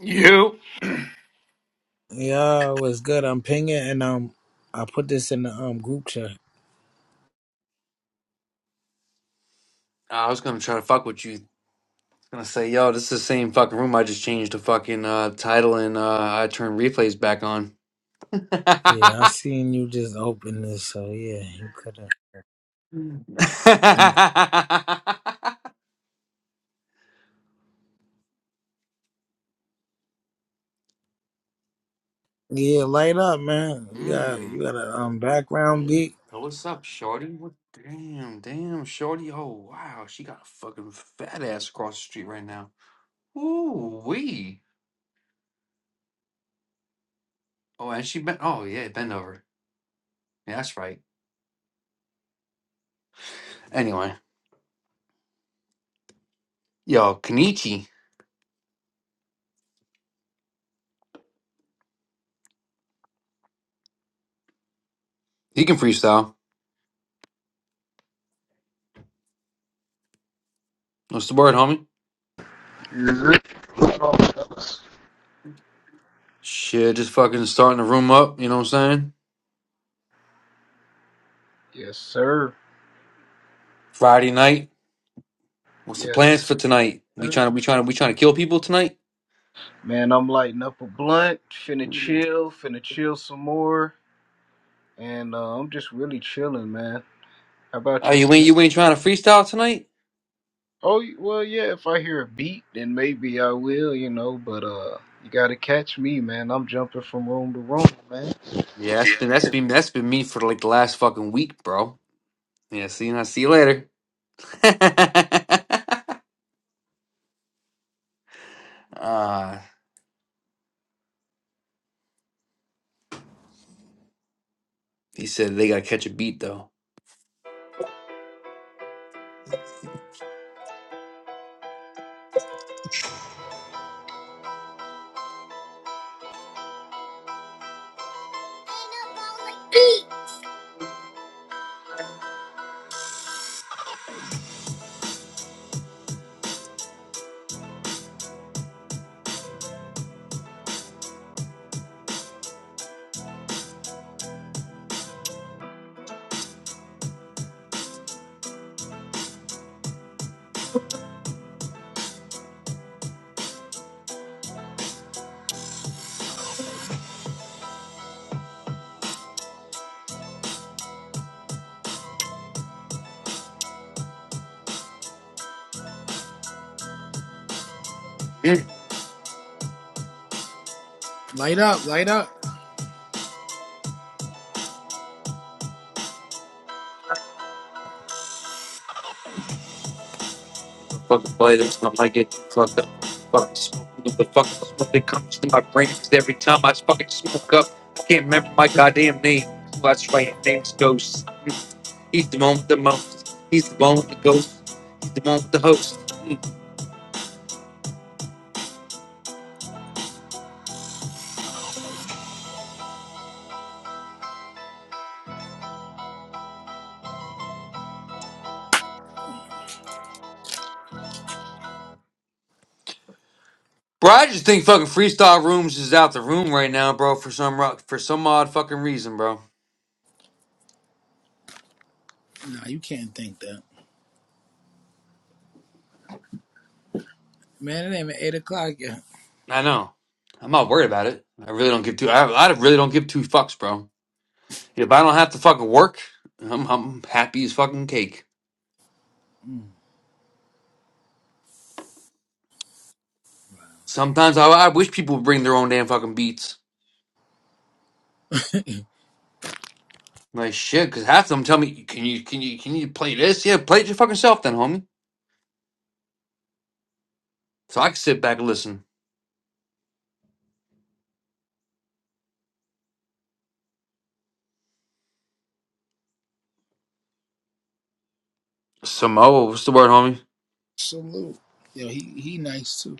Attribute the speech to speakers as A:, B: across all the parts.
A: You?
B: Yeah, it was good. I'm pinging and um, I put this in the um group chat.
A: I was gonna try to fuck with you. Gonna say, yo, this is the same fucking room. I just changed the fucking uh, title and uh, I turned replays back on.
B: Yeah, I seen you just open this, so yeah, you could have. Yeah, light up, man. You got
A: Hmm.
B: you got a um background beat.
A: Yo, What's up, Shorty? What? Damn, damn, Shorty. Oh wow, she got a fucking fat ass across the street right now. Ooh wee. Oh, and she bent. Oh yeah, bend over. Yeah, that's right. Anyway, yo, Kenichi, he can freestyle. What's the word, homie?
C: Oh,
A: Shit, just fucking starting the room up. You know what I'm saying?
C: yes, sir.
A: Friday night. What's the
C: Yes,
A: plans for tonight? We
C: sir.
A: trying to we trying to we trying to kill people tonight?
C: Man, I'm lighting up a blunt, finna chill, finna chill some more, and uh, I'm just really chilling, man. How about
A: Oh, you ain't
C: yourself?
A: you ain't trying to freestyle tonight?
C: Oh, y- well, yeah. If I hear a beat, then maybe I will, you know. But uh, you gotta catch me, man. I'm jumping from room to room, man.
A: Yeah, that's been that's been that's been me for like the last fucking week, bro. Yeah, see you. I see you later. Ah, he said they gotta catch a beat though. Yeah,
B: Light up, light up.
A: fucking play this. I like it. Fuck up. Fucking smoke the fucking smoke that comes to my brains every time I fucking smoke up. I can't remember my goddamn name. Well, That's right, name's Ghost. He's the one with the most. He's the one with the ghost. He's the one with the host. Bro, I just think fucking freestyle rooms is out the room right now, bro. For some ro- for some odd fucking reason, bro.
B: Nah, you can't think that, man. It ain't even eight o'clock yet.
A: I know. I'm not worried about it. I really don't give two. I, I really don't give two fucks, bro. If I don't have to fucking work, I'm, I'm happy as fucking cake.
B: Mm,
A: Sometimes I, I wish people would bring their own damn fucking beats. Like shit, because half of them tell me, "Can you can you can you play this? Yeah, play it your fucking self, then, homie." So I can sit back and listen. Samoa, what's the word, homie?
B: salute, yo. He he nice too.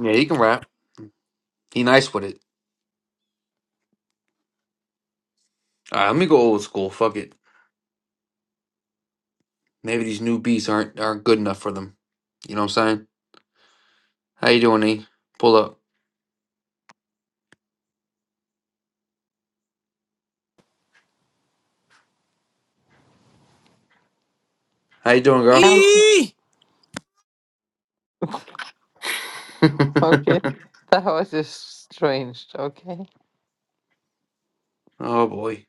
A: Yeah, he can rap. He nice with it. All right, let me go old school. Fuck it. Maybe these new beats aren't aren't good enough for them. You know what I'm saying? How you doing, E? Pull up. How you doing, girl?
D: Um,
B: E.
D: okay, that was just strange. Okay,
A: oh boy.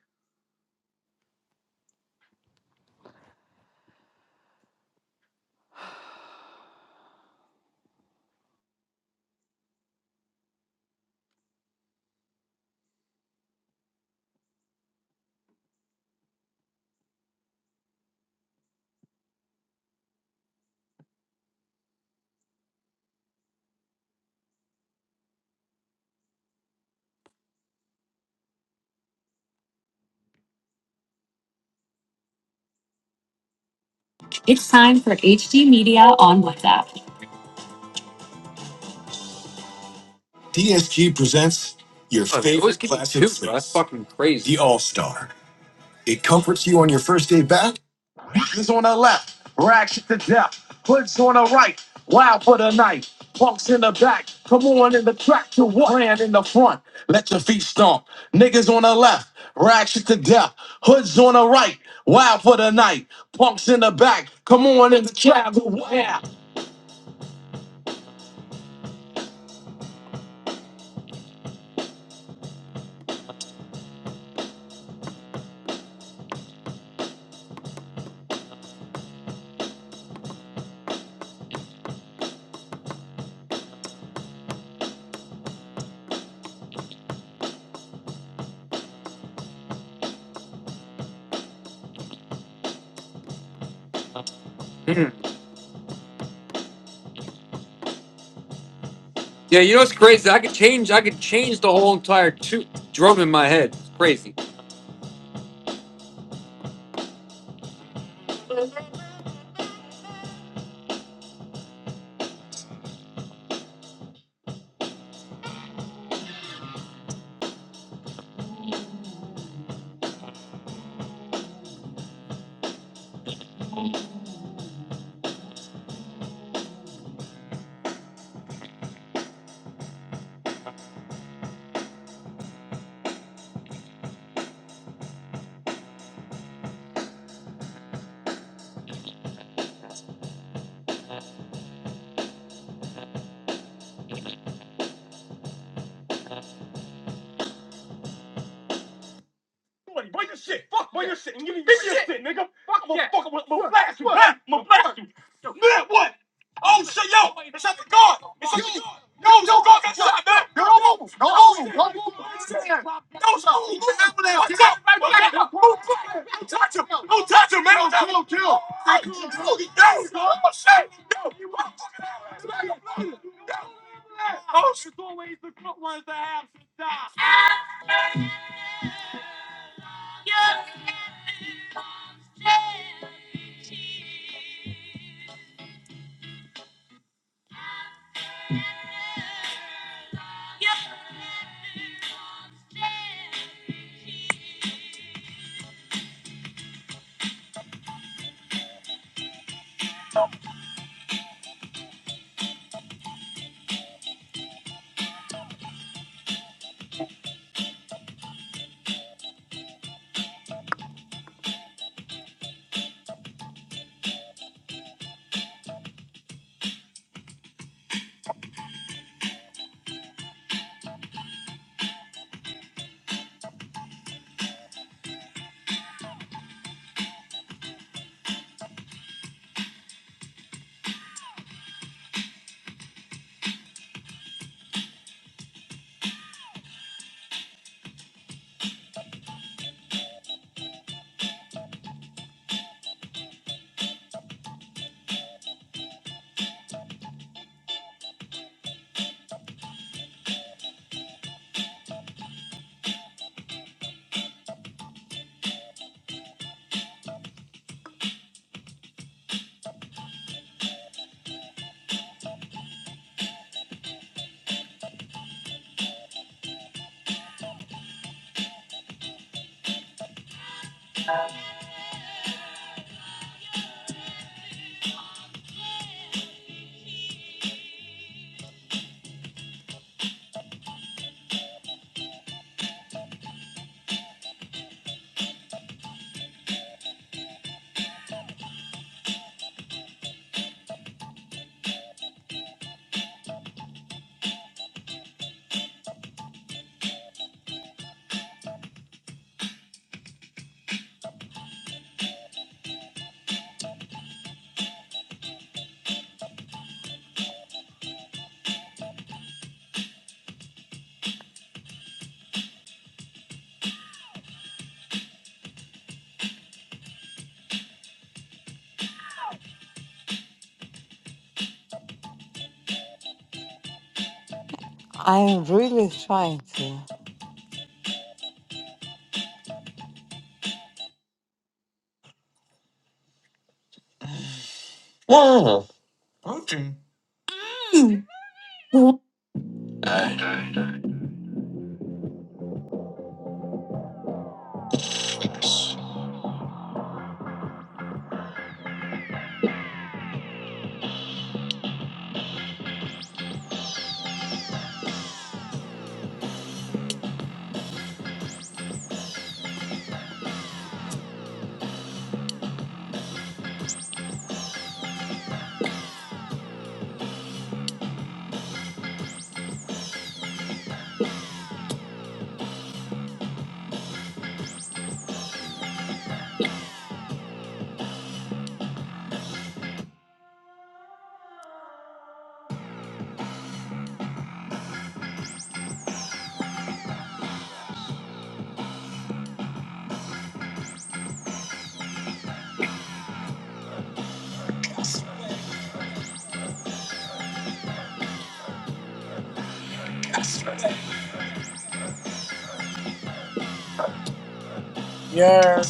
A: It's time for HD Media on WhatsApp. DSG presents your Oh, they always favorite give me classic two, bro. That's six, fucking crazy. the All Star. It comforts you on your first day back. On a lap. Yeah, Hoods on the right, wild for the night. Punks in the back, come on in the track to what? Brand in the front, let your feet stomp. Niggas on the left, rags to death. Hoods on the right, wild for the night. Punks in the back, come on in the track to what? Mm. Yeah, you know what's crazy? I could change. I could change the whole entire tu- drum in my head. It's crazy.
D: I'm really trying to.
A: Whoa. Okay.
B: Yeah.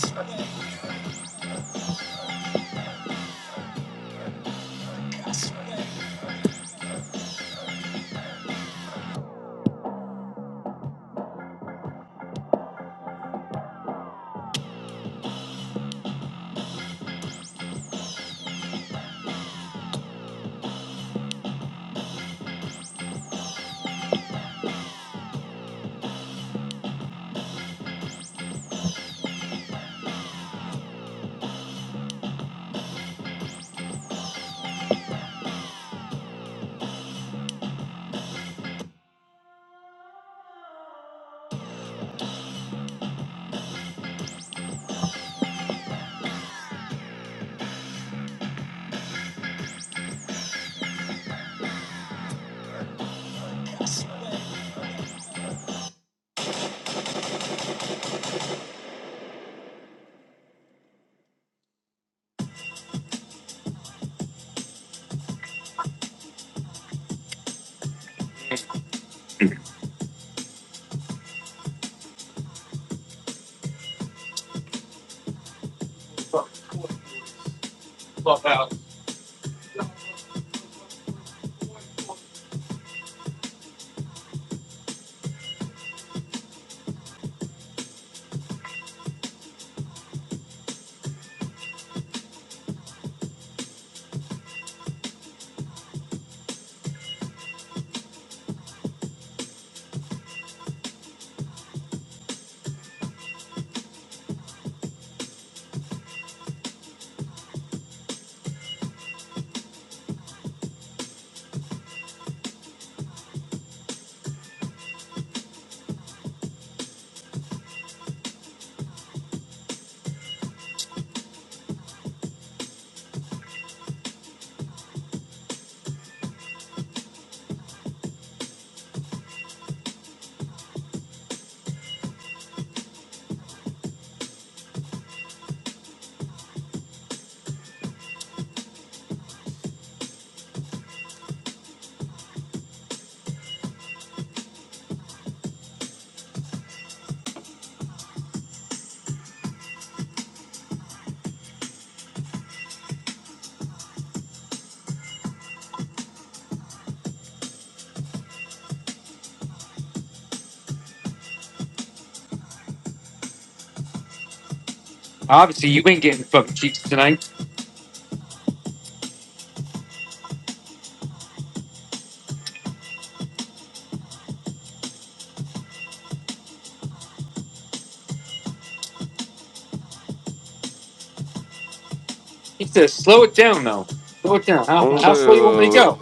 A: He says, slow it down though. Slow it down. How, how slow you want me to
E: Whatever.
A: go?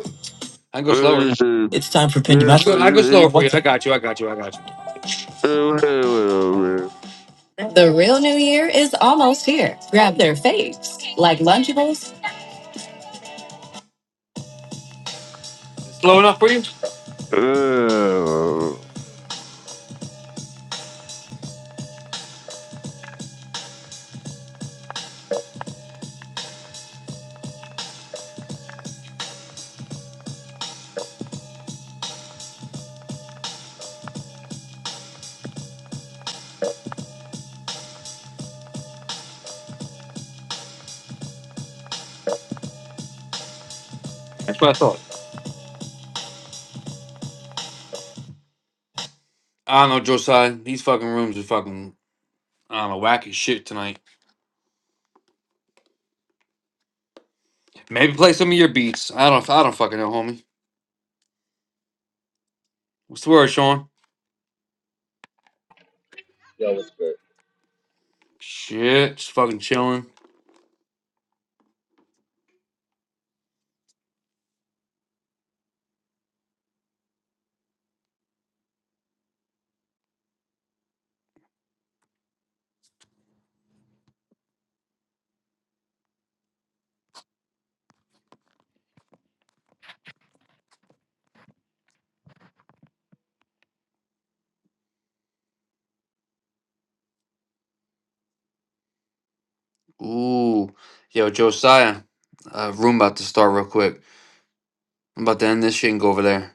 A: I can go slower.
E: This is-
A: I
E: this
A: go, I go slower
E: is-
A: for you. I got you. I got you. I got you.
E: whatever,
A: The real new year is almost here. Grab their faves, like Lunchables. Slow enough for you?
E: man.
A: That's what I thought. I don't know, Josiah. These fucking rooms are fucking I don't know, wacky shit tonight. Maybe play some of your beats. I don't I don't fucking know, homie. What's the word, Sean?
F: Yo, what's good?
A: Shit, just fucking chilling. Ooh. Yo, Josiah. Uh room about to start real quick. I'm about to end this shit and go over there.